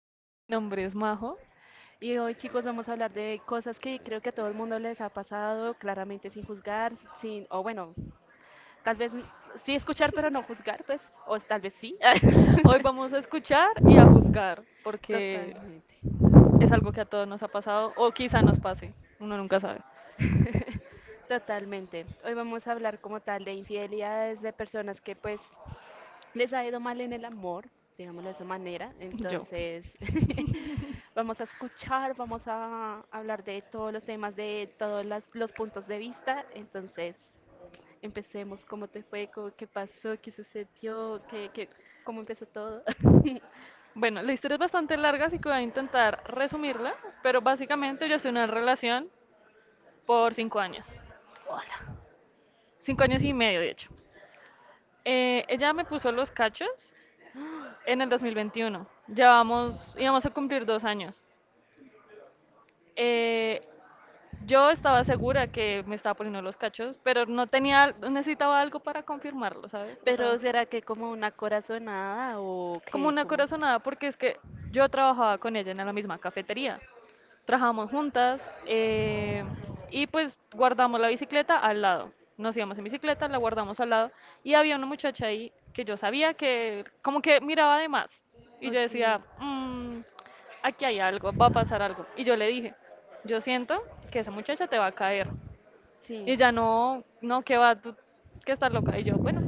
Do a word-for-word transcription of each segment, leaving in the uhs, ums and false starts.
Hola, mi nombre es Majo. y hoy chicos vamos a hablar de cosas que creo que a todo el mundo les ha pasado, claramente sin juzgar, sin, o bueno, tal vez n- sí escuchar pero no juzgar, pues, o tal vez sí. Hoy vamos a escuchar y a juzgar, porque Totalmente, es algo que a todos nos ha pasado o quizá nos pase, uno nunca sabe. totalmente. Hoy vamos a hablar como tal de infidelidades de personas que pues les ha ido mal en el amor, digámoslo de esa manera. Yo. Entonces. Vamos a escuchar, vamos a hablar de todos los temas, de todos las- los puntos de vista. Entonces. Empecemos, ¿cómo te fue? ¿Cómo- ¿Qué pasó? ¿Qué sucedió? ¿Qué, qué, cómo empezó todo? Bueno, la historia es bastante larga, así que voy a intentar resumirla, pero básicamente yo estoy en una relación por cinco años, Hola. cinco años y medio de hecho. Eh, ella me puso los cachos en el dos mil veintiuno, ya vamos, íbamos a cumplir dos años. Eh, yo estaba segura que me estaba poniendo los cachos, pero no tenía, necesitaba algo para confirmarlo, ¿sabes? O Pero sea, ¿será que como una corazonada o como qué? una Como. corazonada, porque es que yo trabajaba con ella en la misma cafetería. Trabajamos juntas, eh, y pues guardamos la bicicleta al lado. Nos íbamos en bicicleta, la guardamos al lado y había una muchacha ahí que yo sabía que como que miraba de más y yo Ok, decía, "Mm, aquí hay algo, va a pasar algo". Y yo le dije, yo siento que esa muchacha te va a caer. Y sí. ella no, no, que va, tú que estás loca. Y yo, bueno,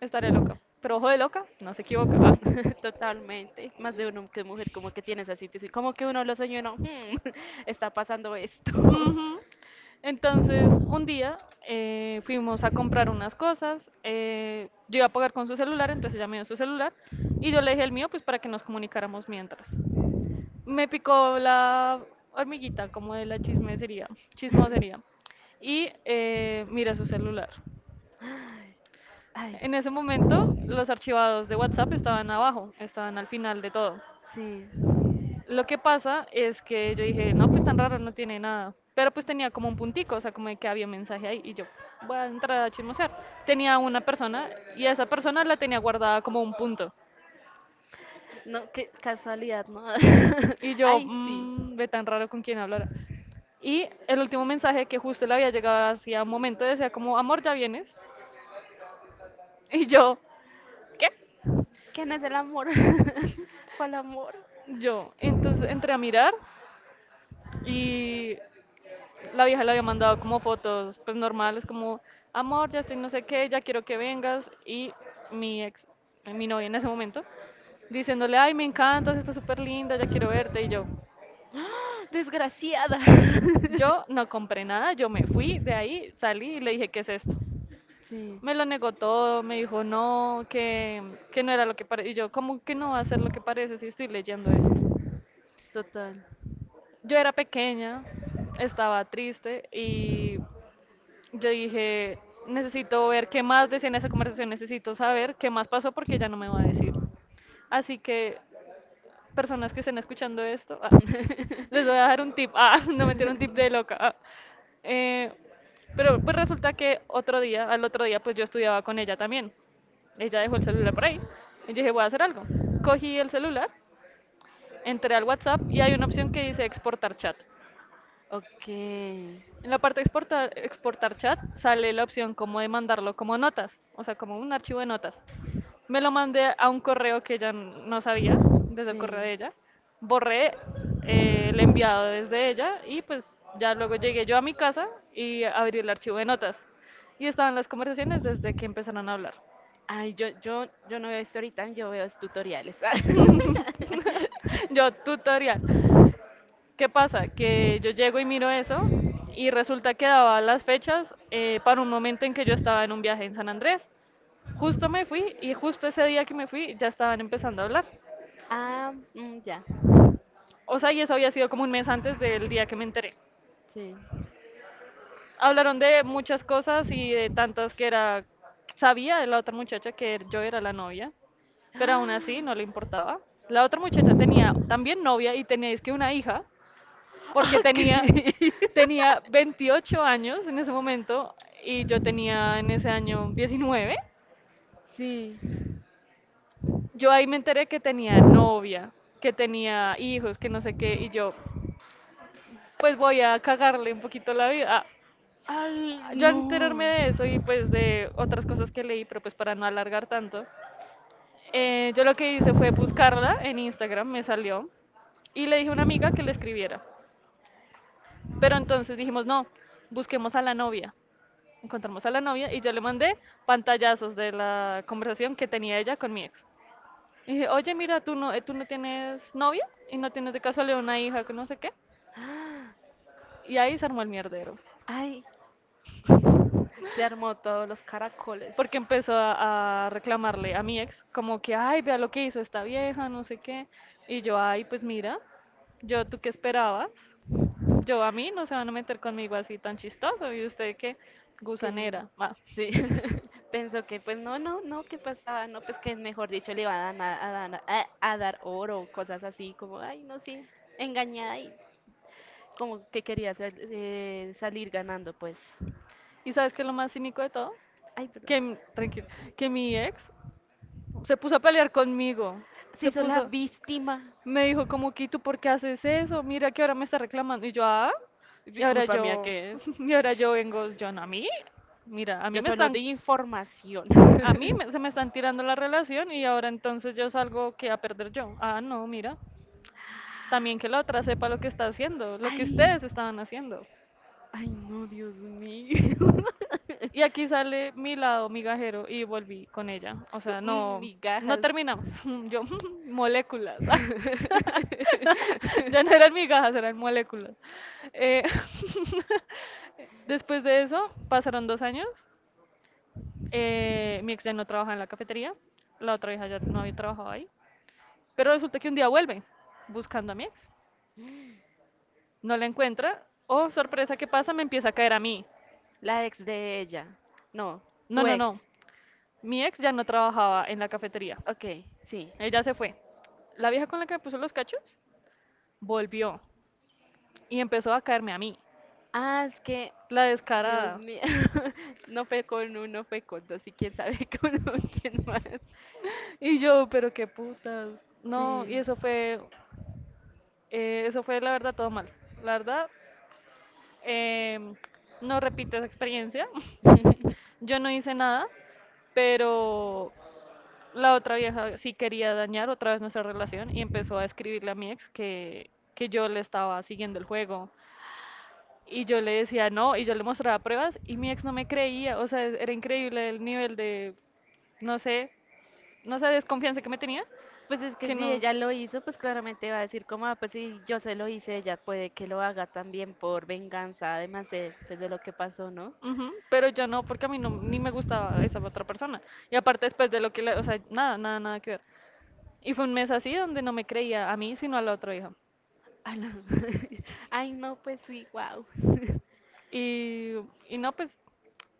estaré loca, pero ojo de loca, no se equivoca. Ah. Totalmente, más de uno que mujer como que tiene esa situación, como que uno lo soñó y uno, "Hmm, está pasando esto." Ujú. Entonces, un día, eh, fuimos a comprar unas cosas. Eh, yo iba a pagar con su celular, entonces ella me dio su celular y yo le dije el mío, pues para que nos comunicáramos mientras. Me picó la hormiguita, como de la chismesería, chismosería, y eh, miré su celular. Ay, En ese momento, los archivados de WhatsApp estaban abajo, estaban al final de todo. sí, Lo que pasa es que yo dije, no, pues tan raro, no tiene nada. Pero pues tenía como un puntico, o sea, como de que había un mensaje ahí y yo voy a entrar a chismosear. Tenía una persona y esa persona la tenía guardada como un punto. no, qué casualidad, ¿no? Y yo, Ay, sí, mmm, ve tan raro con quién hablar. Y el último mensaje que justo le había llegado hacía un momento decía como, amor, ya vienes. Y yo, ¿qué? ¿qué no es el amor? ¿Cuál amor? Yo, entonces entré a mirar, y la vieja le había mandado como fotos, pues normales, como, amor, ya estoy no sé qué, ya quiero que vengas. Y mi ex, mi novia en ese momento, diciéndole, ay, me encantas, estás súper linda, ya quiero verte. Y yo, Desgraciada. yo no compré nada, yo me fui de ahí, salí y le dije, ¿qué es esto? Sí, Me lo negó todo, me dijo, no, que, que no era lo que parece. Y yo, ¿cómo que no va a ser lo que parece si estoy leyendo esto? total. Yo era pequeña, estaba triste. Y yo dije, necesito ver qué más decía en esa conversación, necesito saber qué más pasó porque ya no me va a decir. Así que, personas que estén escuchando esto, ah, les voy a dar un tip. Ah, no mentira, un tip de loca. ah. Eh, pero pues resulta que otro día, al otro día, pues yo estudiaba con ella también. Ella dejó el celular por ahí. Y yo dije, voy a hacer algo. Cogí el celular, entré al WhatsApp y hay una opción que dice exportar chat. Ok, En la parte de exportar, exportar chat sale la opción como de mandarlo como notas, o sea, como un archivo de notas. Me lo mandé a un correo que ella no sabía, desde el correo de sí. ella. Borré, eh, el enviado desde ella y pues ya luego llegué yo a mi casa y abrí el archivo de notas. Y estaban las conversaciones desde que empezaron a hablar. Ay, yo, yo, yo no veo Storytime, yo veo es tutoriales. Yo, tutorial. ¿Qué pasa? Que yo llego y miro eso y resulta que daba las fechas, eh, para un momento en que yo estaba en un viaje en San Andrés. Justo me fui y justo ese día que me fui ya estaban empezando a hablar. Ah, mm, ya, O sea, y eso había sido como un mes antes del día que me enteré. sí. Hablaron de muchas cosas y de tantas que era, sabía de la otra muchacha que yo era la novia, pero aún Ah, así no le importaba. La otra muchacha tenía también novia y tenía es que una hija porque ok. tenía, tenía veintiocho años en ese momento y yo tenía en ese año diecinueve. Sí. Yo ahí me enteré que tenía novia, que tenía hijos, que no sé qué, y yo pues voy a cagarle un poquito la vida. Ay, Ah, yo al no. enterarme de eso y pues de otras cosas que leí, pero pues para no alargar tanto, eh, yo lo que hice fue buscarla en Instagram, me salió, y le dije a una amiga que le escribiera. Pero entonces dijimos, no, busquemos a la novia. Encontramos a la novia y yo le mandé pantallazos de la conversación que tenía ella con mi ex. Y dije, oye, mira, tú no, eh, tú no tienes novia y no tienes de casualidad una hija que no sé qué. Ah, Y ahí se armó el mierdero. ay, se armó todos los caracoles. Porque empezó a, a reclamarle a mi ex, como que, ay, vea lo que hizo esta vieja, no sé qué. Y yo, ay, pues mira, yo, ¿tú qué esperabas? Yo, a mí no se van a meter conmigo así tan chistoso. Y usted, qué Que gusanera. Va. sí, pensó que pues no, no, no, ¿qué pasaba? No, pues que mejor dicho le iban a, dan- a, dan- a- a dar oro, cosas así, como, ay, no, sí, engañada y como que quería sal- eh, salir ganando, pues. ¿Y sabes qué es lo más cínico de todo? Ay, perdón. Que, m- tranquilo, que mi ex se puso a pelear conmigo. Se Se hizo la puso, víctima. me dijo como, que, ¿tú por qué haces eso? Mira que ahora me está reclamando. Y yo, ah, y ahora Disculpa mía, yo, ¿qué es? y ahora yo vengo, yo no, a mí, mira, a Yo mí me solo están, di información. a mí me- se me están tirando la relación y ahora entonces yo salgo que a perder yo. Ah, no, mira, también que la otra sepa lo que está haciendo, lo que Ay, ustedes estaban haciendo. ay, no, Dios mío. Y aquí sale mi lado migajero y volví con ella. O Tú, sea, "Mm, no, no migajas." terminamos. Yo, moléculas. Ya no eran migajas, eran moléculas. Eh, después de eso, pasaron dos años. Eh, mi ex ya no trabajaba en la cafetería. La otra hija ya no había trabajado ahí. Pero resulta que un día vuelve buscando a mi ex. No la encuentra. Oh, sorpresa, ¿qué pasa? Me empieza a caer a mí. La ex de ella. No, No, tu no, ex. no. Mi ex ya no trabajaba en la cafetería. Ok, sí. Ella se fue. La vieja con la que me puso los cachos volvió y empezó a caerme a mí, Ah, es que. la Dios descarada. mío, no fue con uno, fue con dos, y quién sabe con quién más. Y yo, pero qué putas. No, y Sí. eso fue, eh, eso fue la verdad todo mal. La verdad, em, no repito esa experiencia. Yo no hice nada, pero la otra vieja sí quería dañar otra vez nuestra relación y empezó a escribirle a mi ex que, que yo le estaba siguiendo el juego. Y yo le decía no, y yo le mostraba pruebas y mi ex no me creía, o sea, era increíble el nivel de, no sé, no sé, desconfianza que me tenía, Pues es que que si no. ella lo hizo, pues claramente va a decir como, ah, pues si yo se lo hice, ella puede que lo haga también por venganza, además de, pues, de lo que pasó, ¿no? Ujú, pero yo no, porque a mí no, ni me gustaba esa otra persona. Y aparte después de lo que, le- o sea, nada, nada, nada que ver. Y fue un mes así donde no me creía a mí, sino a la otra hija. Ala. Ay, no, pues sí, wow. Y, y no, pues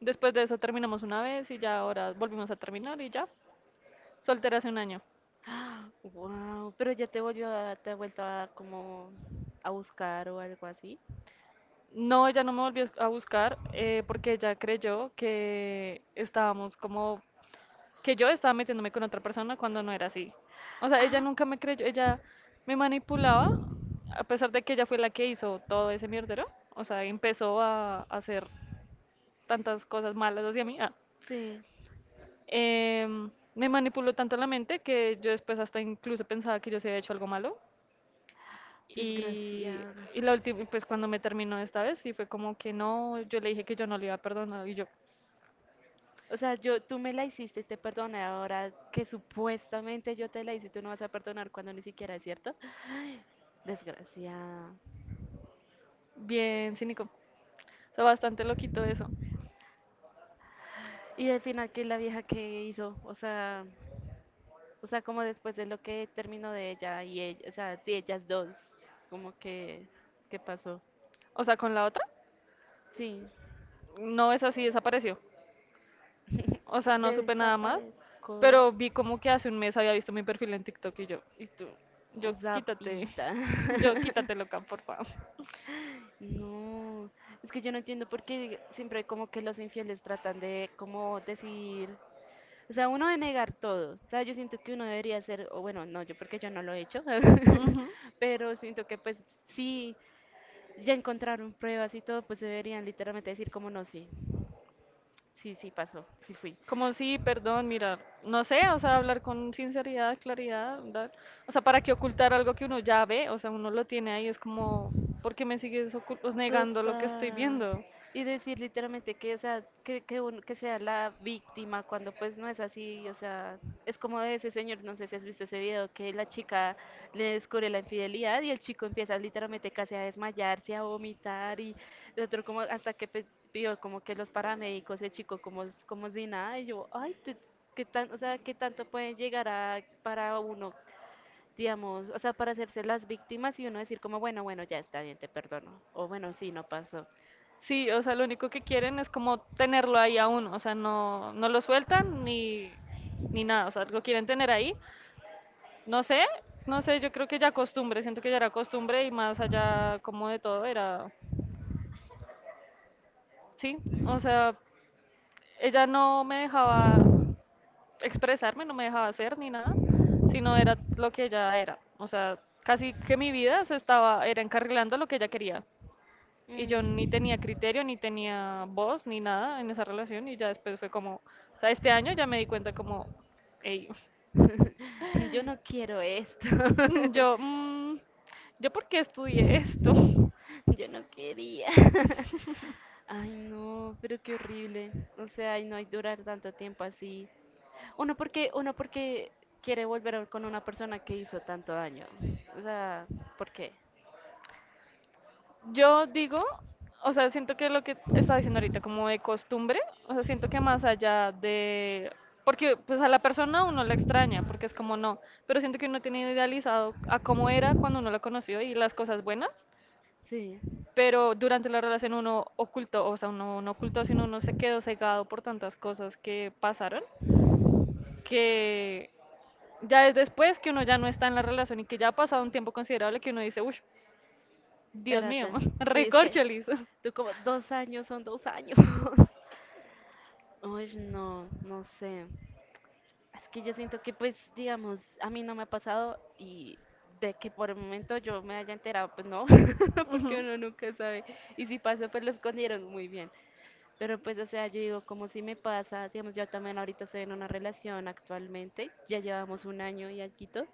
después de eso terminamos una vez y ya ahora volvimos a terminar y ya. Soltera hace un año. Wow, pero ya te volvió a, te ha vuelto a como a buscar o algo así. No, ella no me volvió a buscar, eh, porque ella creyó que estábamos como que yo estaba metiéndome con otra persona cuando no era así. O sea, ella Ah, nunca me creyó, ella me manipulaba, a pesar de que ella fue la que hizo todo ese mierdero. O sea, empezó a hacer tantas cosas malas hacia mí. ah, sí, Em, me manipuló tanto la mente que yo después hasta incluso pensaba que yo se había hecho algo malo. Y, desgraciada. y la última, pues cuando me terminó esta vez, sí fue como que no, yo le dije que yo no le iba a perdonar y yo, O sea, yo, tú me la hiciste y te perdoné ahora que supuestamente yo te la hice y tú no vas a perdonar cuando ni siquiera es cierto. Desgraciada. bien cínico. O sea, bastante loquito eso. Y al final, ¿qué la vieja que hizo? O sea, o sea, como después de lo que terminó de ella y ella, o sea, sí, ellas dos, como que, ¿qué pasó? O sea, con la otra, Sí, no es así, desapareció. O sea, no supe nada más, desaparezco. pero vi como que hace un mes había visto mi perfil en TikTok y yo, Y tú, yo quítate, zapita. yo quítate loca, por favor. No, es que yo no entiendo por qué siempre como que los infieles tratan de como decir, o sea, uno de negar todo, o sea, yo siento que uno debería ser, o bueno, no, yo porque yo no lo he hecho, Ujú. pero siento que pues sí, ya encontraron pruebas y todo, pues deberían literalmente decir como no, sí, sí, sí, pasó, sí fui. Como sí, perdón, mira, no sé, o sea, hablar con sinceridad, claridad, dar- o sea, para qué ocultar algo que uno ya ve, o sea, uno lo tiene ahí, es como, ¿por qué me sigues ocul- pues, negando lo que estoy Total. viendo? Y decir literalmente que, o sea, que, que, uno- que sea la víctima cuando pues no es así, o sea, es como de ese señor, no sé si has visto ese video, que la chica le descubre la infidelidad y el chico empieza literalmente casi a desmayarse, a vomitar y el otro como hasta que pues, vio como que los paramédicos, el chico como, s- como si nada y yo, ay, te- qué tan, o sea, qué tanto pueden llegar a para uno digamos, o sea, para hacerse las víctimas y uno decir como, bueno, bueno, ya está bien, te perdono. O bueno, sí, no pasó. Sí, o sea, lo único que quieren es como tenerlo ahí aún, o sea, no, no lo sueltan ni, ni nada, o sea, lo quieren tener ahí, no sé, no sé, yo creo que ya costumbre, siento que ya era costumbre y más allá como de todo era, sí, o sea, ella no me dejaba expresarme, no me dejaba hacer ni nada, sino era lo que ella era. O sea, casi que mi vida se estaba, era encarrilando a lo que ella quería. Y yo ni "Mm." tenía criterio, ni tenía voz, ni nada en esa relación. Y ya después fue como, o sea, este año ya me di cuenta como, hey, Yo no quiero esto. yo, mm, ¿yo por qué estudié esto? Yo no quería. Ay, no, pero qué horrible. O sea, y no hay durar tanto tiempo así. Uno porque, uno porque quiere volver a- con una persona que hizo tanto daño. O sea, ¿por qué? Yo digo, o sea, siento que lo que estaba diciendo ahorita, como de costumbre, o sea, siento que más allá de. Porque pues a la persona uno la extraña, porque es como no, pero siento que uno tiene idealizado a cómo era cuando uno la conoció y las cosas buenas, Sí, pero durante la relación uno ocultó, o sea, uno no ocultó, sino uno se quedó cegado por tantas cosas que pasaron, que ya es después que uno ya no está en la relación y que ya ha pasado un tiempo considerable que uno dice, uff, Dios mío, espérate. Sí, es que recorcholis. tú como dos años son dos años. Uy, no, no sé. Es que yo siento Mhm. que, pues, digamos, a mí no me ha pasado y de que por el momento yo me haya enterado, pues no, porque uno nunca sabe. Y si pasó, pues lo escondieron muy bien. Pero pues, o sea, yo digo, como si me pasa, digamos, yo también ahorita estoy en una relación actualmente, ya llevamos un año y alguito,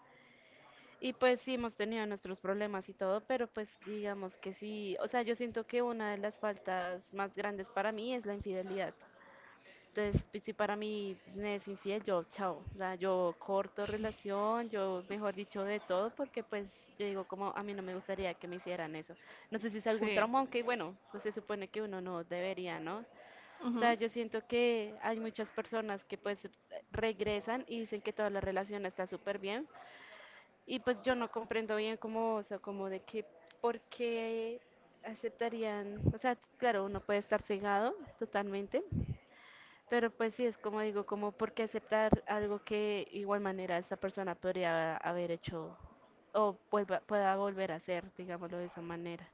y pues sí hemos tenido nuestros problemas y todo, pero pues digamos que sí, o sea, yo siento que una de las faltas más grandes para mí es la infidelidad. Entonces, pues, si para mí me es infiel, yo, chao, o sea, yo corto relación, yo, mejor dicho, de todo, porque pues yo digo como a mí no me gustaría que me hicieran eso. No sé si es algún Sí. trauma, aunque bueno, pues se supone que uno no debería, ¿no? O Ujú. sea, yo siento que hay muchas personas que pues regresan y dicen que toda la relación está súper bien, y pues yo no comprendo bien cómo, o sea, como de que, ¿por qué aceptarían? O sea, claro, uno puede estar cegado totalmente pero pues sí, es como digo, como por qué aceptar algo que igual manera esa persona podría haber hecho o vuelva- pueda volver a hacer, digámoslo de esa manera.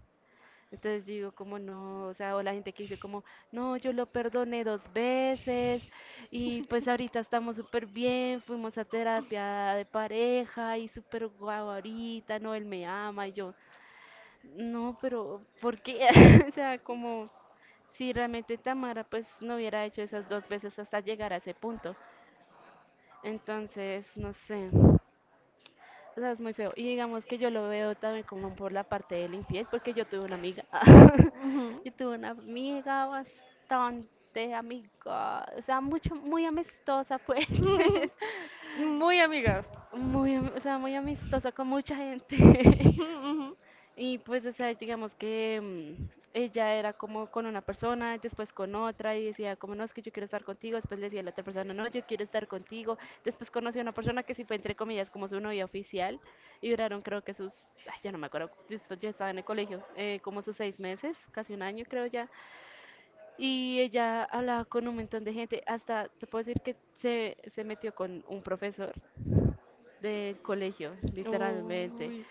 Entonces yo digo como no, o sea, o la gente que dice como, no, yo lo perdoné dos veces y pues ahorita estamos súper bien, fuimos a terapia de pareja y súper guau ahorita, no, él me ama y yo, no, pero ¿por qué? O sea, como si realmente Tamara pues no hubiera hecho esas dos veces hasta llegar a ese punto. Entonces, no sé. O sea, es muy feo. Y digamos que yo lo veo también como por la parte del infiel, porque yo tuve una amiga. Ujú. Yo tuve una amiga bastante amiga, o sea, mucho, muy amistosa pues. Muy amigas. Muy, am- o sea, muy amistosa con mucha gente. Ujú. Y pues, o sea, digamos que mm, ella era como con una persona, después con otra, y decía como, no, es que yo quiero estar contigo, después le decía a la otra persona, no, yo quiero estar contigo, después conocí a una persona que sí fue, entre comillas, como su novia oficial, y duraron creo que sus, ay, ya no me acuerdo, yo est- yo estaba en el colegio, eh, como sus seis meses, casi un año creo ya, y ella hablaba con un montón de gente, hasta te puedo decir que se, se metió con un profesor del colegio, literalmente. Uy,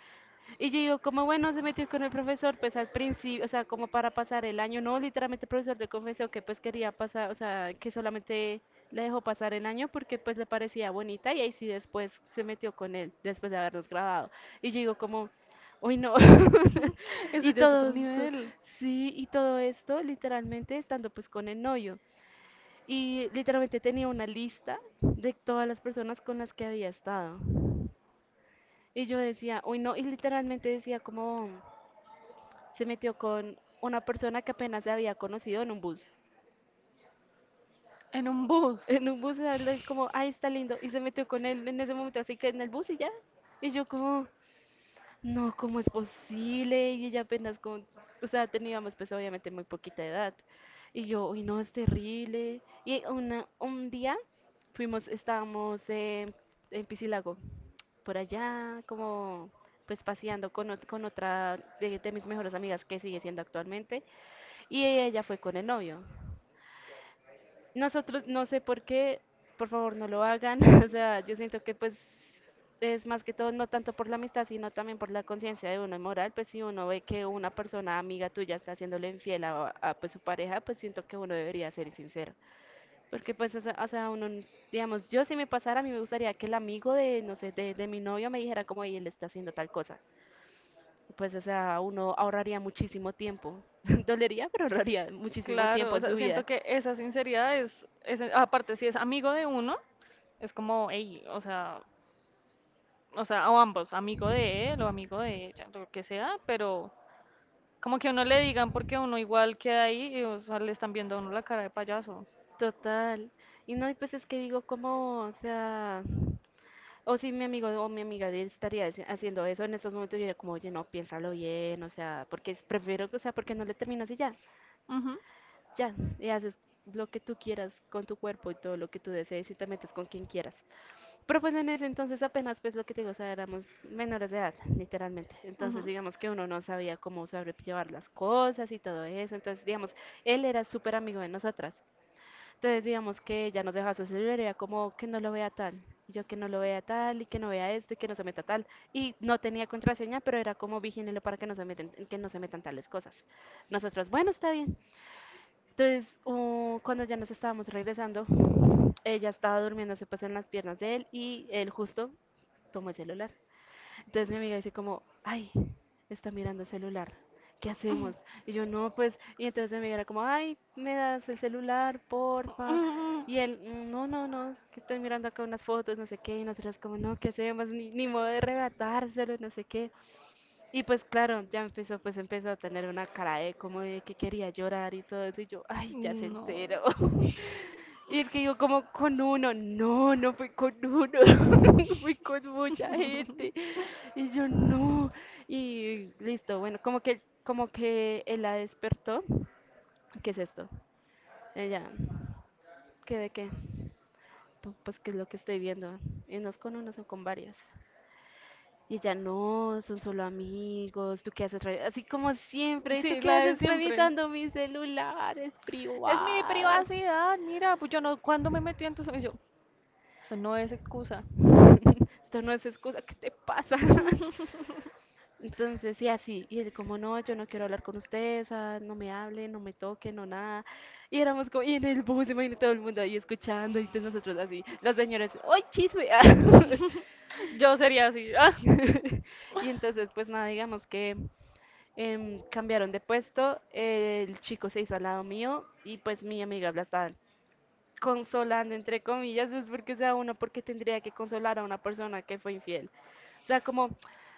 Y yo digo, como bueno, se metió con el profesor, pues al principio, o sea, como para pasar el año, no, literalmente el profesor le confesó que pues quería pasar, o sea, que solamente le dejó pasar el año porque pues le parecía bonita y ahí sí después se metió con él, después de habernos graduado. Y yo digo, como, uy, no. eso Y ya es otro todo esto, nivel. sí, y todo esto literalmente estando pues con el novio. Y literalmente tenía una lista de todas las personas con las que había estado. Y yo decía, uy, no, y literalmente decía como se metió con una persona que apenas se había conocido en un bus. En un bus. En un bus, él como, ay, está lindo, y se metió con él en ese momento, así que en el bus y ya. Y yo como, no, ¿cómo es posible? Y ella apenas con, o sea, teníamos pues obviamente muy poquita edad. Y yo, uy, no, es terrible. Y una, un día fuimos, estábamos en, en Piscilago, por allá, como pues paseando con, ot- con otra de, de, mis mejores amigas que sigue siendo actualmente. Y ella fue con el novio. Nosotros, no sé por qué, por favor no lo hagan. O sea, yo siento que pues es más que todo no tanto por la amistad, sino también por la conciencia de uno y moral. Pues si uno ve que una persona amiga tuya está haciéndole infiel a, a, pues, su pareja, pues siento que uno debería ser sincero. Porque pues, o sea, o sea, uno, n- digamos, yo si me pasara, a mí me gustaría que el amigo de, no sé, de, de mi novio me dijera como, "Ey, él está haciendo tal cosa." Pues, o sea, uno ahorraría muchísimo tiempo. Dolería, pero ahorraría muchísimo Claro, tiempo o en su sea, siento vida. que esa sinceridad es, es- aparte si es amigo de uno, es como, hey, o sea, o sea, o ambos, amigo de él o amigo de ella, lo que sea, pero como que a uno le digan porque uno igual queda ahí y o sea, le están viendo a uno la cara de payaso. Total. Y no hay veces que digo, como, o sea, o si mi amigo o mi amiga de él estaría haci- haciendo eso en estos momentos, yo diría como, oye, no, piénsalo bien, o sea, porque es- prefiero, o sea, porque no le terminas y ya, Ujú, ya, y haces lo que tú quieras con tu cuerpo y todo lo que tú desees y te metes con quien quieras. Pero pues en ese entonces apenas, pues lo que te digo, o sea, éramos menores de edad, literalmente. ujú. Entonces Ujú. digamos que uno no sabía cómo sobrellevar las cosas y todo eso. Entonces digamos, él era súper amigo de nosotras. Entonces, digamos que ella nos dejaba su celular, era como que no lo vea tal, y yo que no lo vea tal, y que no vea esto, y que no se meta tal. Y no tenía contraseña, pero era como vigílenlo para que no se meten, que no se metan tales cosas. Nosotros, bueno, está bien. Entonces, uh, cuando ya nos estábamos regresando, ella estaba durmiéndose pues en las piernas de él, y él justo tomó el celular. Entonces mi amiga dice como, ay, está mirando el celular. ¿Qué hacemos? Y yo, no, pues, y entonces mi amiga era como, ay, me das el celular, porfa. Y él, "Mm, no, no, no, es que estoy mirando acá unas fotos, no sé qué, y nosotras como, no, ¿qué hacemos? Ni, ni modo de arrebatárselo, no sé qué. Y pues claro, ya empezó, pues empezó a tener una cara de como de que quería llorar y todo eso, y yo, ay, ya se No. enteró. Y es que yo como con uno, no, no fue con uno, fue con mucha gente. Y yo no. Y listo, bueno, como que, como que él la despertó. ¿Qué es esto? Ella, ¿qué de qué? "Pu- Pues qué es lo que estoy viendo. Y no es con uno, son con varios. Y ella, no, son solo amigos, ¿tú qué haces? revi-?" Así como siempre, ¿tú Sí, qué la de haces siempre. revisando mi celular? Es Es mi privado. privacidad, mira, pues yo no, cuando me metí en tus. Y yo, eso no es excusa. Esto no es excusa, ¿qué te pasa? Entonces, sí así, y él como, no, yo no quiero hablar con ustedes, ah, no me hablen, no me toquen, no nada. Y éramos como, y en el bus, imagínate todo el mundo ahí escuchando, y entonces nosotros así, los señores, ¡ay, chisme! Yo sería así. Ah. Y entonces, pues nada, digamos que em, cambiaron de puesto, el chico se hizo al lado mío, y pues mi amiga la estaba consolando, entre comillas, no es porque, o sea, uno porque tendría que consolar a una persona que fue infiel. O sea, como,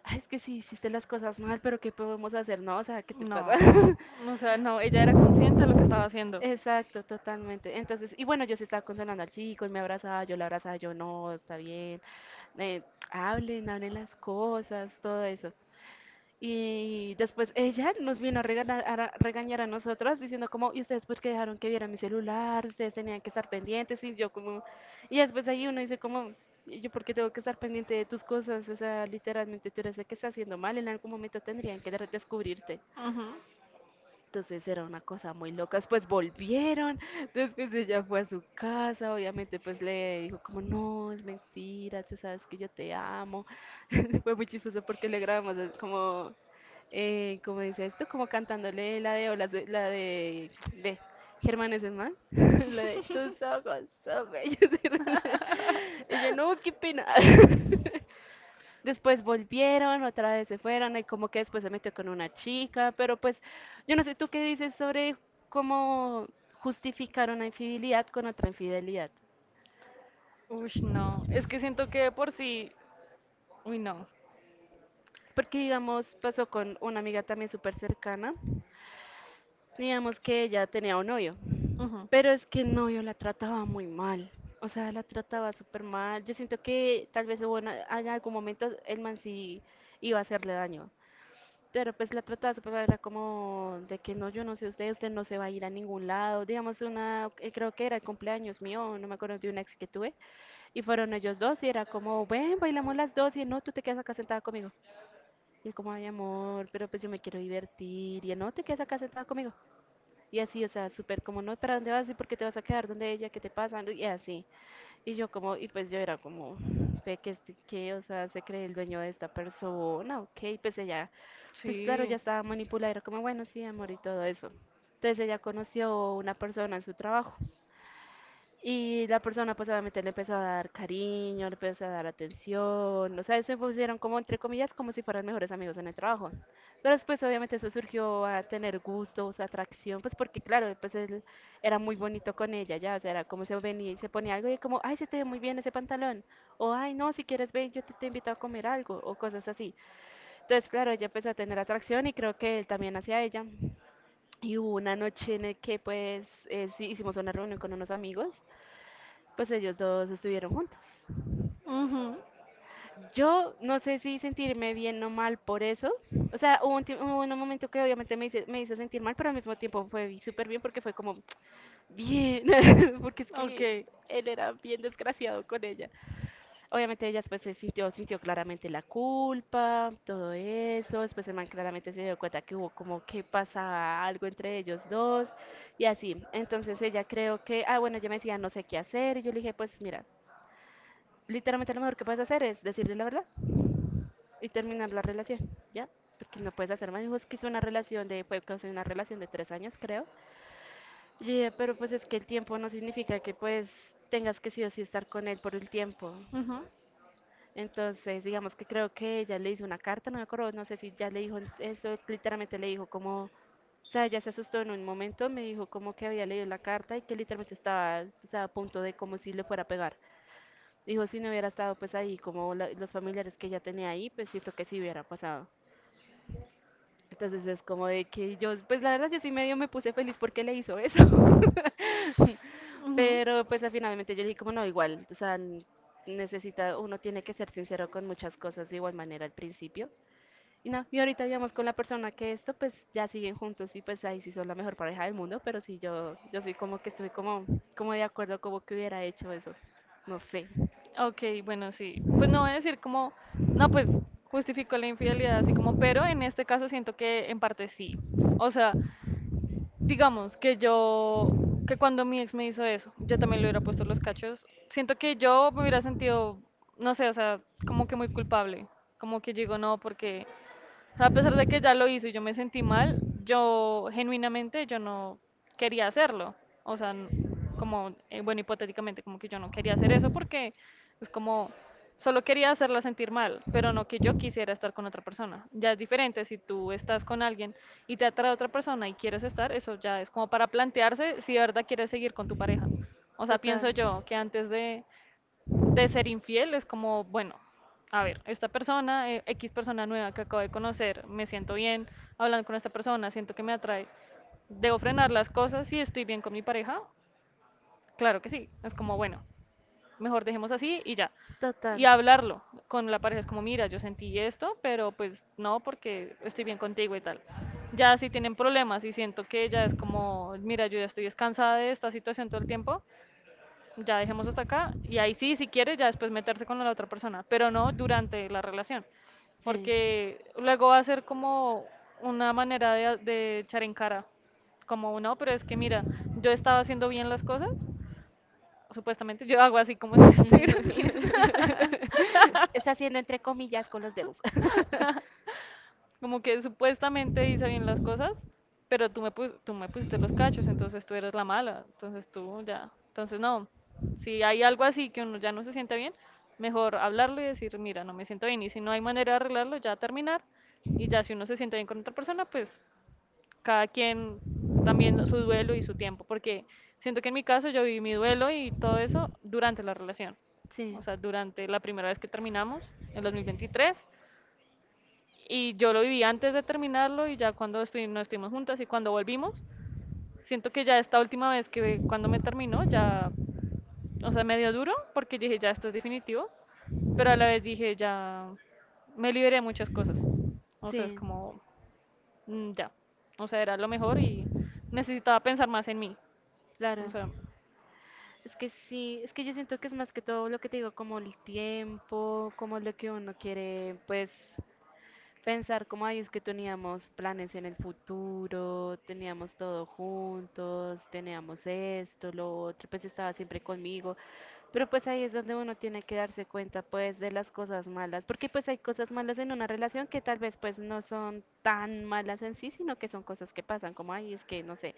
"Ay, es que sí hiciste las cosas mal, pero ¿qué podemos hacer? No, o sea, ¿qué te No, pasa? o sea, no, ella era consciente de lo que estaba haciendo. Exacto, totalmente. Entonces, y bueno, yo sí estaba consolando al chico, él me abrazaba, yo la abrazaba, yo no, está bien. eh, hablen, hablen las cosas, todo eso. Y después ella nos vino a regañar a, regañar a nosotras diciendo como, ¿y ustedes por qué dejaron que viera mi celular? Ustedes tenían que estar pendientes y yo como... Y después ahí uno dice como, "¿Y ¿yo por qué tengo que estar pendiente de tus cosas? O sea, literalmente tú eres la que está haciendo mal, en algún momento tendrían que de- descubrirte. Ujú. Entonces era una cosa muy loca. Después volvieron, después ella fue a su casa, obviamente pues le dijo como, no, es mentira, tú sabes que yo te amo. Fue muy chistoso porque le grabamos eh, como eh, ¿cómo dice esto? Como cantándole la de olas, de- la de, ve, Germán es más, la de tus ojos son bellos. Y yo, no, qué pena. Después volvieron, otra vez se fueron, y como que después se metió con una chica, pero pues, yo no sé, ¿tú qué dices sobre cómo justificar una infidelidad con otra infidelidad? Ush, no, es que siento que de por sí, uy, no. Porque, digamos, pasó con una amiga también súper cercana. Digamos que ella tenía un novio, Ujú. pero es que el novio la trataba muy mal. O sea, la trataba súper mal. Yo siento que tal vez hubo una- en algún momento el man sí iba a hacerle daño. Pero pues la trataba súper mal, era como de que no, yo no sé usted, usted no se va a ir a ningún lado. Digamos, una, eh, creo que era el cumpleaños mío, no me acuerdo de una ex que tuve. Y fueron ellos dos y era como, ven, bailamos las dos y él, no, tú te quedas acá sentada conmigo. Y él como, ay amor, pero pues yo me quiero divertir. Y él, no, te quedas acá sentada conmigo. Y así, o sea, súper como, no, ¿para dónde vas? ¿Y por qué te vas a quedar donde ella? ¿Qué te pasa? ¿No? Y así. Y yo como, y pues yo era como, ve que, este- que, o sea, se cree el dueño de esta persona, ok, pues ella, pues claro, ya estaba manipulada, era como, bueno, sí, amor, y todo eso. Entonces ella conoció una persona en su trabajo y la persona pues obviamente le empezó a dar cariño, le empezó a dar atención, o sea, se pusieron como entre comillas como si fueran mejores amigos en el trabajo. Pero después obviamente eso surgió a tener gustos, atracción, pues porque claro, pues él era muy bonito con ella, ya, o sea, era como se venía y se ponía algo y como, ay, se te ve muy bien ese pantalón, o ay, no, si quieres ven, yo te, te invito a comer algo, o cosas así. Entonces, claro, ella empezó a tener atracción y creo que él también hacia ella. Y hubo una noche en el que pues eh, sí, hicimos una reunión con unos amigos pues ellos dos estuvieron juntos. Que ujú, estaba. Yo no sé si sentirme bien o mal por eso. O sea, hubo un, tiemp- hubo un momento que obviamente me hice, me hizo sentir mal, pero al mismo tiempo fue súper bien porque fue como, bien, porque es que Ok, él era bien desgraciado con ella. Obviamente ella después se sintió, sintió claramente la culpa, todo eso. Después el man claramente se dio cuenta que hubo como que pasaba algo entre ellos dos y así. Entonces ella creo que, ah, bueno, ella me decía, no sé qué hacer. Y yo le dije, pues mira. Literalmente lo mejor que puedes hacer es decirle la verdad y terminar la relación, ¿ya? Porque no puedes hacer más. Dijo, es que hizo una relación de, fue casi una relación de tres años, creo. Y dije, pero pues es que el tiempo no significa que pues tengas que sí o sí estar con él por el tiempo. ujú. Entonces, digamos que creo que ella le hizo una carta, no me acuerdo, no sé si ya le dijo eso, literalmente le dijo como, o sea, ella se asustó en un momento, me dijo como que había leído la carta y que literalmente estaba, o sea, a punto de como si le fuera a pegar. Dijo, si no hubiera estado pues ahí, como la- los familiares que ella tenía ahí, pues siento que sí hubiera pasado. Entonces es como de que yo, pues la verdad yo sí medio me puse feliz porque le hizo eso. Pero pues al finalmente yo le dije como no, igual, o sea, n- necesita, uno tiene que ser sincero con muchas cosas de igual manera al principio. Y no, y ahorita digamos con la persona que esto, pues ya siguen juntos y pues ahí sí son la mejor pareja del mundo, pero sí yo, yo sí como que estoy como, como de acuerdo como que hubiera hecho eso. No sé. Ok, bueno, sí. Pues no voy a decir como, no, pues justificó la infidelidad así como, pero en este caso siento que en parte sí. O sea, digamos que yo, que cuando mi ex me hizo eso, yo también le hubiera puesto los cachos. Siento que yo me hubiera sentido, no sé, o sea, como que muy culpable. Como que yo digo, no, porque a pesar de que ya lo hizo y yo me sentí mal, yo genuinamente yo no quería hacerlo. O sea, n- como, eh, bueno, hipotéticamente, como que yo no quería hacer eso porque es como, solo quería hacerla sentir mal, pero no que yo quisiera estar con otra persona. Ya es diferente si tú estás con alguien y te atrae otra persona y quieres estar, eso ya es como para plantearse si de verdad quieres seguir con tu pareja. O sea, pienso yo que antes de de ser infiel es como, bueno, a ver, esta persona, eh, X persona nueva que acabo de conocer, me siento bien hablando con esta persona, siento que me atrae. ¿Debo frenar las cosas y estoy bien con mi pareja? Claro que sí, es como, bueno, mejor dejemos así y ya. Total. Y hablarlo con la pareja es como, mira, yo sentí esto, pero pues no, porque estoy bien contigo y tal. Ya si tienen problemas y siento que ya es como, mira, yo ya estoy descansada de esta situación todo el tiempo, ya dejemos hasta acá y ahí sí, si quiere, ya después meterse con la otra persona, pero no durante la relación, Sí. porque luego va a ser como una manera de, a- de echar en cara, como no, pero es que mira, yo estaba haciendo bien las cosas, supuestamente yo hago así como si me estuvieran viendo, Está haciendo entre comillas con los dedos. como que supuestamente hice bien las cosas, pero tú me, pus- tú me pusiste los cachos, entonces tú eres la mala, entonces tú ya. Entonces no, si hay algo así que uno ya no se siente bien, mejor hablarlo y decir, mira, no me siento bien. Y si no hay manera de arreglarlo, ya terminar. Y ya si uno se siente bien con otra persona, pues cada quien también su duelo y su tiempo. Porque siento que en mi caso yo viví mi duelo y todo eso durante la relación. Sí, O sea, durante la primera vez que terminamos, en dos mil veintitrés. Y yo lo viví antes de terminarlo y ya cuando estu- nos estuvimos juntas y cuando volvimos, siento que ya esta última vez que cuando me terminó, ya, o sea, me dio duro porque dije, ya esto es definitivo, pero a la vez dije, ya me liberé de muchas cosas. O sea, es sí, como, mm, ya, o sea, era lo mejor y necesitaba pensar más en mí. O claro. sea, Es que sí, es que yo siento que es más que todo lo que te digo, como el tiempo, como lo que uno quiere, pues pensar como ahí es que teníamos planes en el futuro, teníamos todo juntos, teníamos esto, lo otro, pues estaba siempre conmigo, pero pues ahí es donde uno tiene que darse cuenta pues de las cosas malas, porque pues hay cosas malas en una relación que tal vez pues no son tan malas en sí, sino que son cosas que pasan, como ahí es que no sé,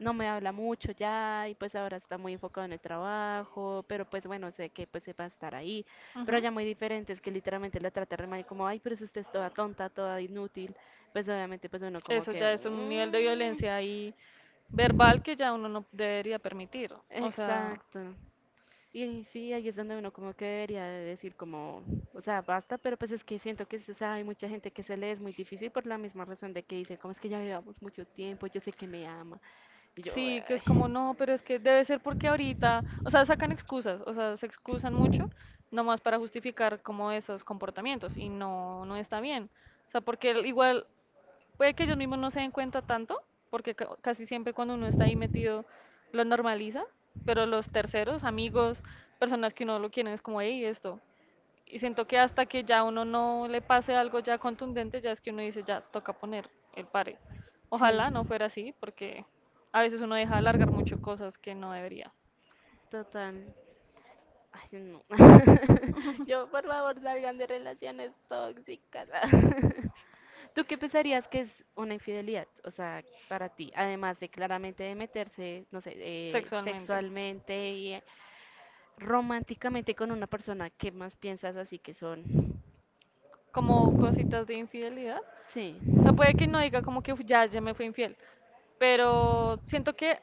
no me habla mucho ya y pues ahora está muy enfocado en el trabajo, pero pues bueno, sé que pues se va a estar ahí, pero ya muy diferente es que literalmente la trata re mal, como, ay, pero si usted es toda tonta, toda inútil, pues no, obviamente pues uno como eso que, ya es, puede, un nivel de "Mm, violencia ahí verbal que ya uno no debería permitir. O sea, exacto. Y sí, ahí es donde uno como que debería de decir como, o sea, basta, pero pues es que siento que o sea, hay mucha gente que se le es muy difícil por la misma razón de que dice, como es que ya llevamos mucho tiempo, yo sé que me ama. Y yo, sí, que es como, "Ay". no, pero es que debe ser porque ahorita, o sea, sacan excusas, o sea, se excusan mucho, nomás para justificar como esos comportamientos y no, no está bien. O sea, porque el- igual puede que ellos mismos no se den cuenta tanto, porque ca- casi siempre cuando uno está ahí metido lo normaliza, pero los terceros, amigos, personas que uno lo quieren es como, hey, esto. Y siento que hasta que ya uno no le pase algo ya contundente, ya es que uno dice, ya toca poner el pare. Sí, Ojalá no fuera así, porque a veces uno deja alargar mucho cosas que no debería. total. Ay, no. Yo, por favor, salgan de relaciones tóxicas. ¿Tú qué pensarías que es una infidelidad? O sea, para ti, además de claramente de meterse, no sé, eh, Sexualmente. sexualmente y eh, románticamente con una persona, ¿qué más piensas así que son? Como cositas de infidelidad. Sí, O sea, puede que no diga como que "Uf, ya, ya me fui infiel, pero siento que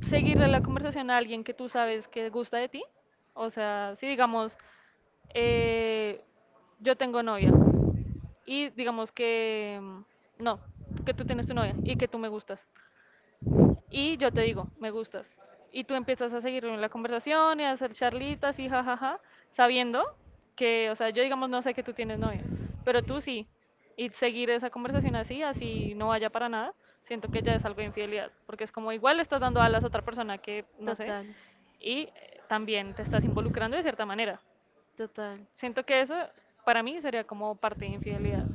seguirle la conversación a alguien que tú sabes que gusta de ti. O sea, si digamos, eh, yo tengo novia y digamos que mm, no, que tú tienes tu novia y que tú me gustas y yo te digo, me gustas. Y tú empiezas a seguir la conversación y a hacer charlitas y jajaja, sabiendo que, o sea, yo digamos no sé que tú tienes novia, pero tú sí. Y seguir esa conversación así, así no vaya para nada, siento que ya es algo de infidelidad, porque es como igual le estás dando alas a otra persona que, no sé, total, y eh, también te estás involucrando de cierta manera. total. Siento que eso para mí sería como parte de infidelidad.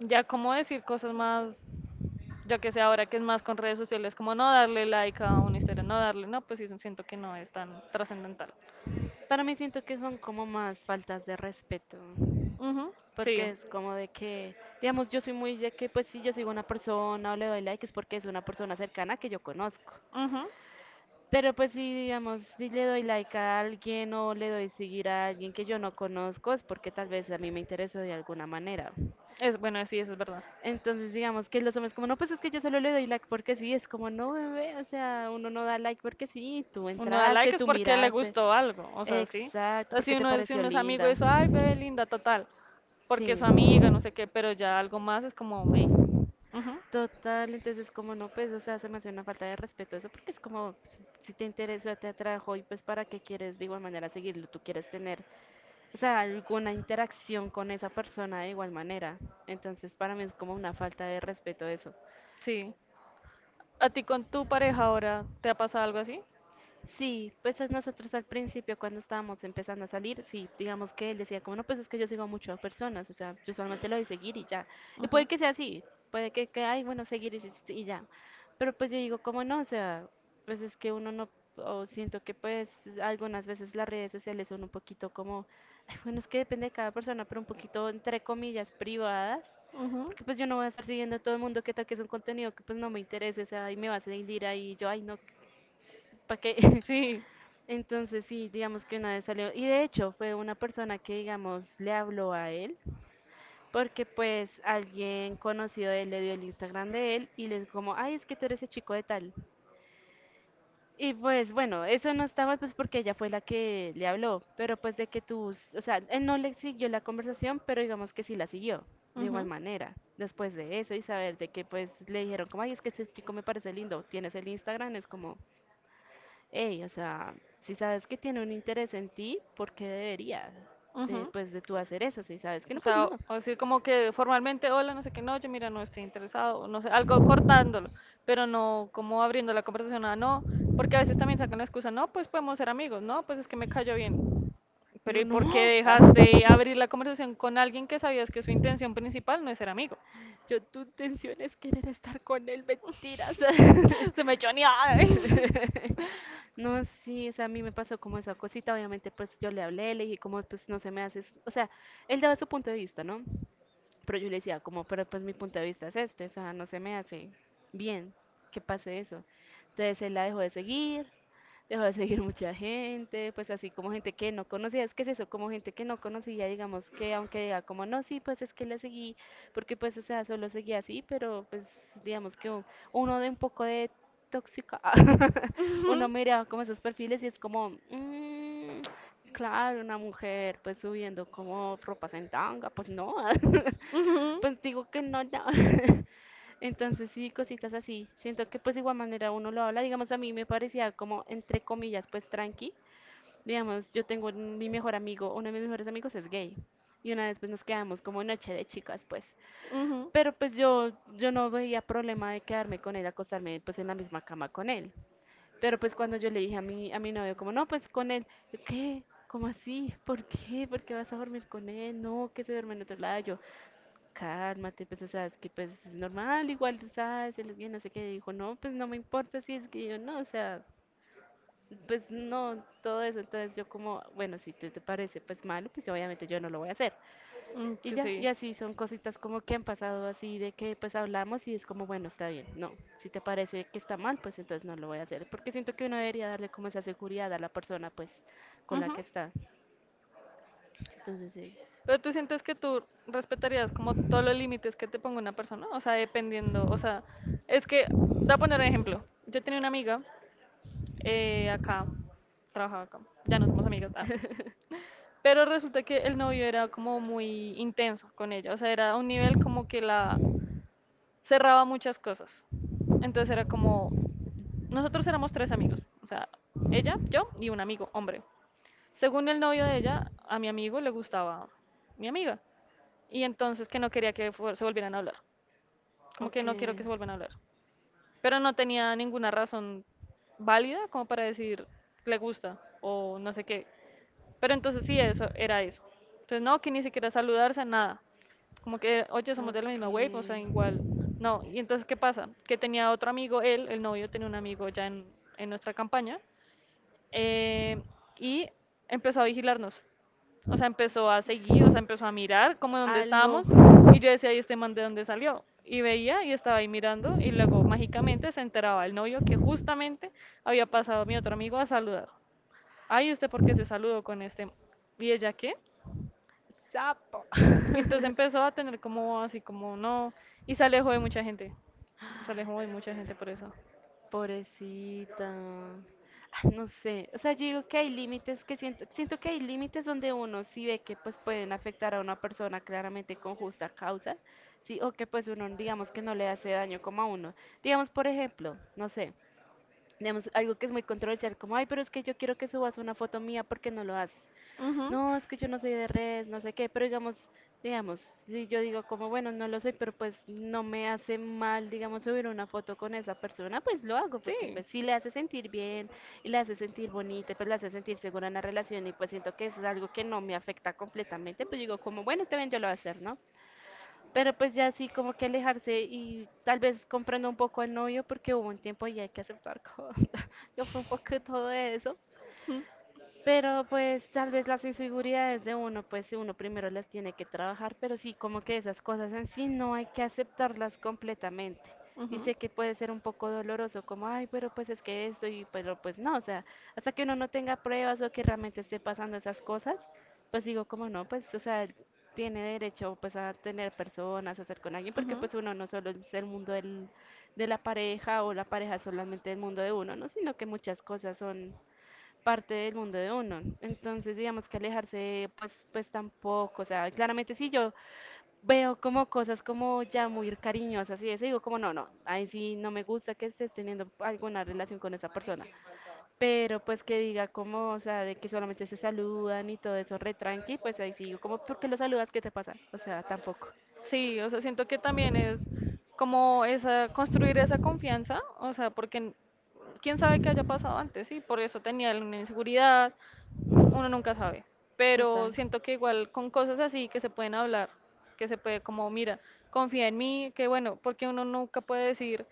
Ya como decir cosas más yo que sé ahora que es más con redes sociales, como no darle like a una historia, no darle, no, pues sí, siento que no es tan trascendental. Para mí siento que son como más faltas de respeto. Ujú, sí, Porque es como de que, digamos, yo soy muy de que, pues si yo sigo a una persona o le doy like es porque es una persona cercana que yo conozco. ujú. Pero pues si, digamos, si le doy like a alguien o le doy seguir a alguien que yo no conozco es porque tal vez a mí me interesó de alguna manera. Es, bueno, sí, eso es verdad. Entonces, digamos que los hombres como, no, pues es que yo solo le doy like porque sí, es como, no, bebé, o sea, uno no da like porque sí, tú Uno da entraste, like es tú porque le miraste. gustó algo, o sea, sí. O Exacto, sea, si porque te uno es, si pareció uno es amigo de linda. eso, ay, bebé linda, total, porque es Sí. su amiga, no sé qué, pero ya algo más es como, hey, ujú, Total, entonces como no, pues, o sea, se me hace una falta de respeto eso, porque es como, pues, si te interesa, te atrajo y pues para qué quieres de igual manera seguirlo, tú quieres tener, o sea, alguna interacción con esa persona de igual manera. Entonces para mí es como una falta de respeto eso. sí. ¿A ti con tu pareja ahora te ha pasado algo así? Sí, pues es nosotros al principio cuando estábamos empezando a salir, sí, digamos que él decía como, no, pues es que yo sigo a muchas personas, o sea, yo solamente lo de seguir y ya. Y Ujú. puede que sea así, puede que, que ay, bueno, seguir y, sí- y ya. Pero pues yo digo, como ¿no? O sea, pues es que uno no, o siento que pues algunas veces las redes sociales son un poquito como, ay, bueno, es que depende de cada persona, pero un poquito entre comillas privadas. Ujú. Bueno, Porque pues yo no voy a estar siguiendo a todo el mundo, qué tal que es un contenido que pues no me interese, o sea, y me va a seguir ahí, yo, ay, no, ¿para qué? sí. Entonces sí, digamos que una vez salió, y de hecho fue una persona que digamos le habló a él, porque pues alguien conocido de él le dio el Instagram de él y le dijo como, ay, es que tú eres el chico de tal. Y pues bueno, eso no estaba pues porque ella fue la que le habló, pero pues de que tú, s- o sea, él no le siguió la conversación, pero digamos que sí la siguió, de igual Ujú. manera, después de eso y saber de que pues le dijeron como, ay, es que ese chico me parece lindo, tienes el Instagram, es como, ey, o sea, si sabes que tiene un interés en ti, ¿por qué debería de, Ujú. pues, de tú hacer eso? Si sabes que O no, sea, pues o no. o decir como que formalmente, hola, no sé qué, no, yo mira, no estoy interesado, o no sé, algo cortándolo, pero no como abriendo la conversación a no, porque a veces también sacan la excusa, no, pues podemos ser amigos, no, pues es que me cayó bien. Pero Yo ¿y no. por qué Ah, dejaste abrir la conversación con alguien que sabías que su intención principal no es ser amigo? yo, tu intención es querer estar con él, mentiras. Se me echó ni ay. No, sí, o sea, a mí me pasó como esa cosita, obviamente pues yo le hablé, le dije como pues no se me hace, o sea, él daba su punto de vista, ¿no? Pero yo le decía, como, pero pues mi punto de vista es este, o sea, no se me hace bien que pase eso. Entonces él la dejó de seguir, dejó de seguir mucha gente, pues así como gente que no conocía, es que es eso, como gente que no conocía, digamos que aunque diga como, no, sí, pues es que le seguí, porque pues, o sea, solo seguía así, pero pues digamos que un- uno de un poco de tóxica, uno mira como esos perfiles y es como, "Mm, claro, una mujer pues subiendo como ropas en tanga, pues no". Pues digo que no, no. Entonces sí, cositas así. Siento que pues de igual manera uno lo habla. Digamos, a mí me parecía como, entre comillas, pues tranqui. Digamos, yo tengo un- mi mejor amigo, uno de mis mejores amigos es gay. Y una vez pues nos quedamos como noche de chicas, pues. Ujú, ujú. Pero pues yo, yo no veía problema de quedarme con él, acostarme pues en la misma cama con él. Pero pues cuando yo le dije a mi, a mi novio, como, no, pues con él, yo, ¿qué? ¿Cómo así? ¿Por qué? ¿Por qué vas a dormir con él? No, que se duerme en otro lado. Yo, cálmate, pues, o sea, es que pues es normal, igual, sabes, él es bien, no sé qué, y dijo, no, pues no me importa si es que yo no, o sea, pues no, todo eso, entonces yo como, bueno, si te, te parece pues malo, pues obviamente yo no lo voy a hacer. Mm, Y que ya, sí. y así son cositas como que han pasado así de que pues hablamos y es como, bueno, está bien, no, si te parece que está mal, pues entonces no lo voy a hacer, porque siento que uno debería darle como esa seguridad a la persona pues con la Ujú. que está. Entonces, sí, Pero tú sientes que tú respetarías como todos los límites que te ponga una persona, o sea, dependiendo, o sea, es que, te voy a poner un ejemplo. Yo tenía una amiga eh, acá, trabajaba acá, ya no somos amigas, ah. Pero resulta que el novio era como muy intenso con ella, o sea, era a un nivel como que la cerraba muchas cosas. Entonces era como, nosotros éramos tres amigos, o sea, ella, yo y un amigo, hombre. Según el novio de ella, a mi amigo le gustaba mi amiga. Y entonces que no quería que fuer- se volvieran a hablar. Como que ok. no quiero que se vuelvan a hablar, pero no tenía ninguna razón válida como para decir le gusta o no sé qué. Pero entonces sí, eso era eso. Entonces no, que ni siquiera saludarse, nada. Como que, oye, somos de la misma wave, o sea, Okay. igual. No, y entonces, ¿qué pasa? Que tenía otro amigo, él, el novio, tenía un amigo ya en, en nuestra campaña, eh, y empezó a vigilarnos. O sea, empezó a seguir, o sea, empezó a mirar como dónde Aló. estábamos y yo decía, ¿y este man de dónde salió? Y veía y estaba ahí mirando y luego mágicamente se enteraba el novio que justamente había pasado mi otro amigo a saludar. Ay, ¿usted por qué se saludó con este? ¿Y ella qué? Sapo. Y entonces empezó a tener como así como no y se alejó de mucha gente. Se alejó de mucha gente por eso. Pobrecita. Ah, no sé, o sea, yo digo que hay límites que siento, siento que hay límites donde uno sí ve que pues pueden afectar a una persona claramente con justa causa, sí, o que pues uno digamos que no le hace daño como a uno. Digamos, por ejemplo, no sé, digamos algo que es muy controversial, como, ay, pero es que yo quiero que subas una foto mía porque no lo haces. Ujú. No, es que yo no soy de redes, no sé qué, pero digamos, digamos, si yo digo como, bueno, no lo soy, pero pues no me hace mal, digamos, subir una foto con esa persona, pues lo hago, porque Sí. pues sí le hace sentir bien, y le hace sentir bonita, pues le hace sentir segura en la relación, y pues siento que es algo que no me afecta completamente, pues digo como, bueno, está bien, yo lo voy a hacer, ¿no? Pero pues ya sí, como que alejarse y tal vez comprendo un poco al novio, porque hubo un tiempo y hay que aceptar cosas, yo fui un poco todo de eso, Mm. Pero pero pues tal vez las inseguridades de uno, pues uno primero las tiene que trabajar, pero sí como que esas cosas en sí no hay que aceptarlas completamente. Y sé que puede ser un poco doloroso, como, ay, pero pues es que esto, y pero pues no, o sea, hasta que uno no tenga pruebas o que realmente esté pasando esas cosas, pues digo, como no, pues, o sea, tiene derecho pues a tener personas, a estar con alguien, porque pues uno no solo es el mundo del, de la pareja o la pareja solamente el mundo de uno, ¿no? Sino que muchas cosas son parte del mundo de uno. Entonces, digamos que alejarse, pues, pues tampoco, o sea, claramente sí yo veo como cosas como ya muy cariñosas y eso digo como no, no, ahí sí no me gusta que estés teniendo alguna relación con esa persona. Pero pues que diga como, o sea, de que solamente se saludan y todo eso re tranqui, pues ahí sí digo como, ¿por qué lo saludas? ¿Qué te pasa? O sea, tampoco. sí, o sea, siento que también es como esa, construir esa confianza, o sea, porque n- quién sabe qué haya pasado antes, sí, por eso tenía una inseguridad, uno nunca sabe, Total. pero siento que igual con cosas así que se pueden hablar, que se puede como, mira, confía en mí, que bueno, porque uno nunca puede decir,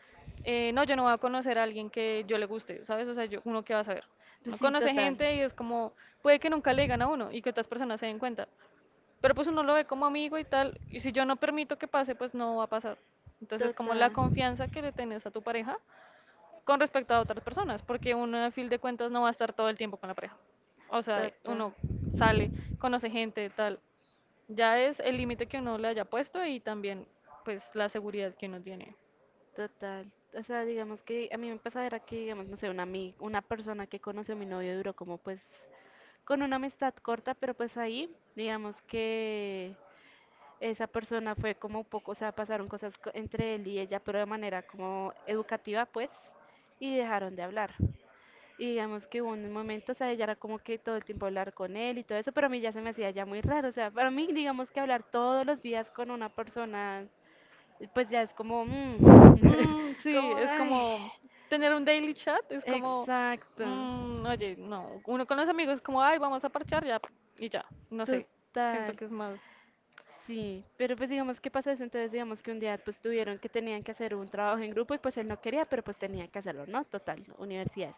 eh, no, yo no voy a conocer a alguien que yo le guste, ¿sabes? O sea, yo, uno qué va a saber. Pues Uno sí, conoce total. gente y es como, puede que nunca le digan a uno y que otras personas se den cuenta, pero pues uno lo ve como amigo y tal, y si yo no permito que pase, pues no va a pasar. Entonces, como la Total, confianza que le tenés a tu pareja con respecto a otras personas, porque uno a fin de cuentas no va a estar todo el tiempo con la pareja. O sea, total. uno sale, conoce gente, tal. Ya es el límite que uno le haya puesto y también pues la seguridad que uno tiene. Total. O sea, digamos que a mí me pasaba era que, digamos, no sé, una, ami- una persona que conoció a mi novio duró como pues con una amistad corta, pero pues ahí, digamos que esa persona fue como un poco, o sea, pasaron cosas co- entre él y ella, pero de manera como educativa, pues, y dejaron de hablar. Y digamos que hubo un momento, o sea, ella era como que todo el tiempo hablar con él y todo eso, pero a mí ya se me hacía ya muy raro, o sea, para mí, digamos que hablar todos los días con una persona pues ya es como, mm, Mm, sí, como, es ay, como tener un daily chat, es como, exacto, mm, oye, no, uno con los amigos es como, ay, vamos a parchar ya y ya, no sé, siento total, que es más, sí, pero pues digamos, ¿qué pasó eso? Entonces digamos que un día pues tuvieron que tenían que hacer un trabajo en grupo y pues él no quería, pero pues tenía que hacerlo, ¿no? Total, universidad.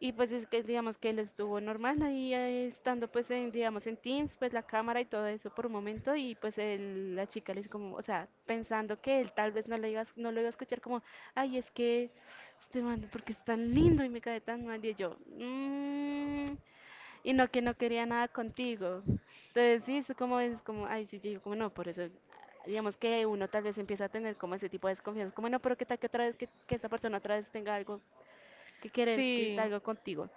Y pues es que digamos que él estuvo normal ahí eh, estando pues en, digamos en Teams, pues la cámara y todo eso por un momento y pues el- la chica le dice como, o sea, pensando que él tal vez no le iba a, no lo iba a escuchar como, ay, es que este man, porque es tan lindo y me cae tan mal y yo, "Mm", y no que no quería nada contigo. Entonces sí, es como, es como, ay, sí, yo digo como no, por eso digamos que uno tal vez empieza a tener como ese tipo de desconfianza, como no, pero qué tal que otra vez que, que esta persona otra vez tenga algo que querer, que sí, salga contigo.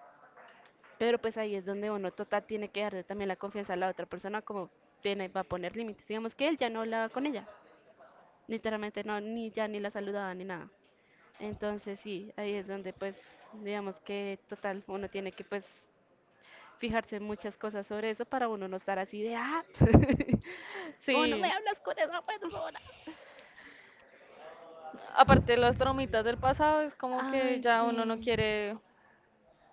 Pero pues ahí es donde uno total tiene que darle también la confianza a la otra persona como tiene, va a poner límites. Digamos que él ya no hablaba con ella. Literalmente no, ni ya ni la saludaba ni nada. Entonces sí, ahí es donde pues digamos que total uno tiene que pues fijarse en muchas cosas sobre eso para uno no estar así de ah, como ¿no sí. me hablas con esa persona? Aparte de los traumitas del pasado, es como que Ay, ya uno no sí. quiere,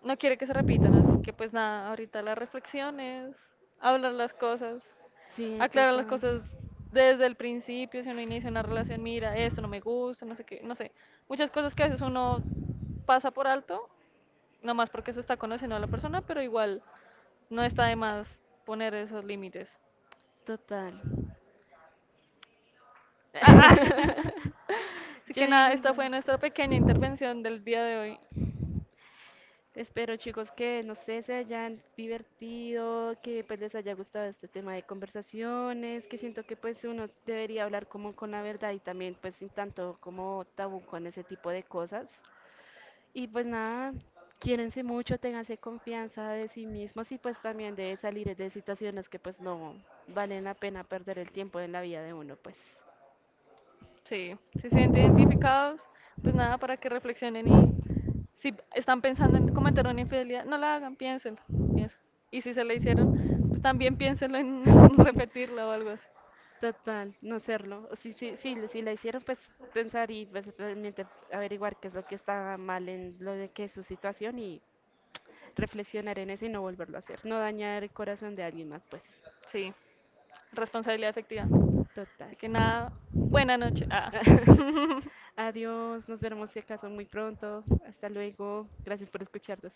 no quiere que se repitan, así que pues nada, ahorita las reflexiones, hablar las cosas, Sí, aclarar las total. cosas desde el principio, si uno inicia una relación, mira, esto no me gusta, no sé qué, no sé, muchas cosas que a veces uno pasa por alto, nomás porque se está conociendo a la persona, pero igual no está de más poner esos límites. Total. Ah, ah. Así Yo que nada, digo, esta yo fue nuestra pequeña intervención del día de hoy. espero chicos que, no sé, se hayan divertido, que pues les haya gustado este tema de conversaciones, que siento que pues uno debería hablar como con la verdad y también pues sin tanto como tabú con ese tipo de cosas. Y pues nada, quiérense mucho, ténganse confianza de sí mismos y pues también de salir de situaciones que pues no valen la pena perder el tiempo en la vida de uno, pues. Sí, si se sienten identificados, pues nada, para que reflexionen y si están pensando en cometer una infidelidad, no la hagan, piénsenlo, piénsenlo. Y si se la hicieron, pues también piénsenlo en repetirla o algo así. Total, no serlo. Sí, sí, sí, le- si la hicieron, pues pensar y pues realmente averiguar qué es lo que está mal en lo de que es su situación y reflexionar en eso y no volverlo a hacer. No dañar el corazón de alguien más, pues. Sí, responsabilidad efectiva. Total. Así que nada, buena noche. Ah. Ah. Adiós, nos veremos si acaso muy pronto. Hasta luego. Gracias por escucharnos.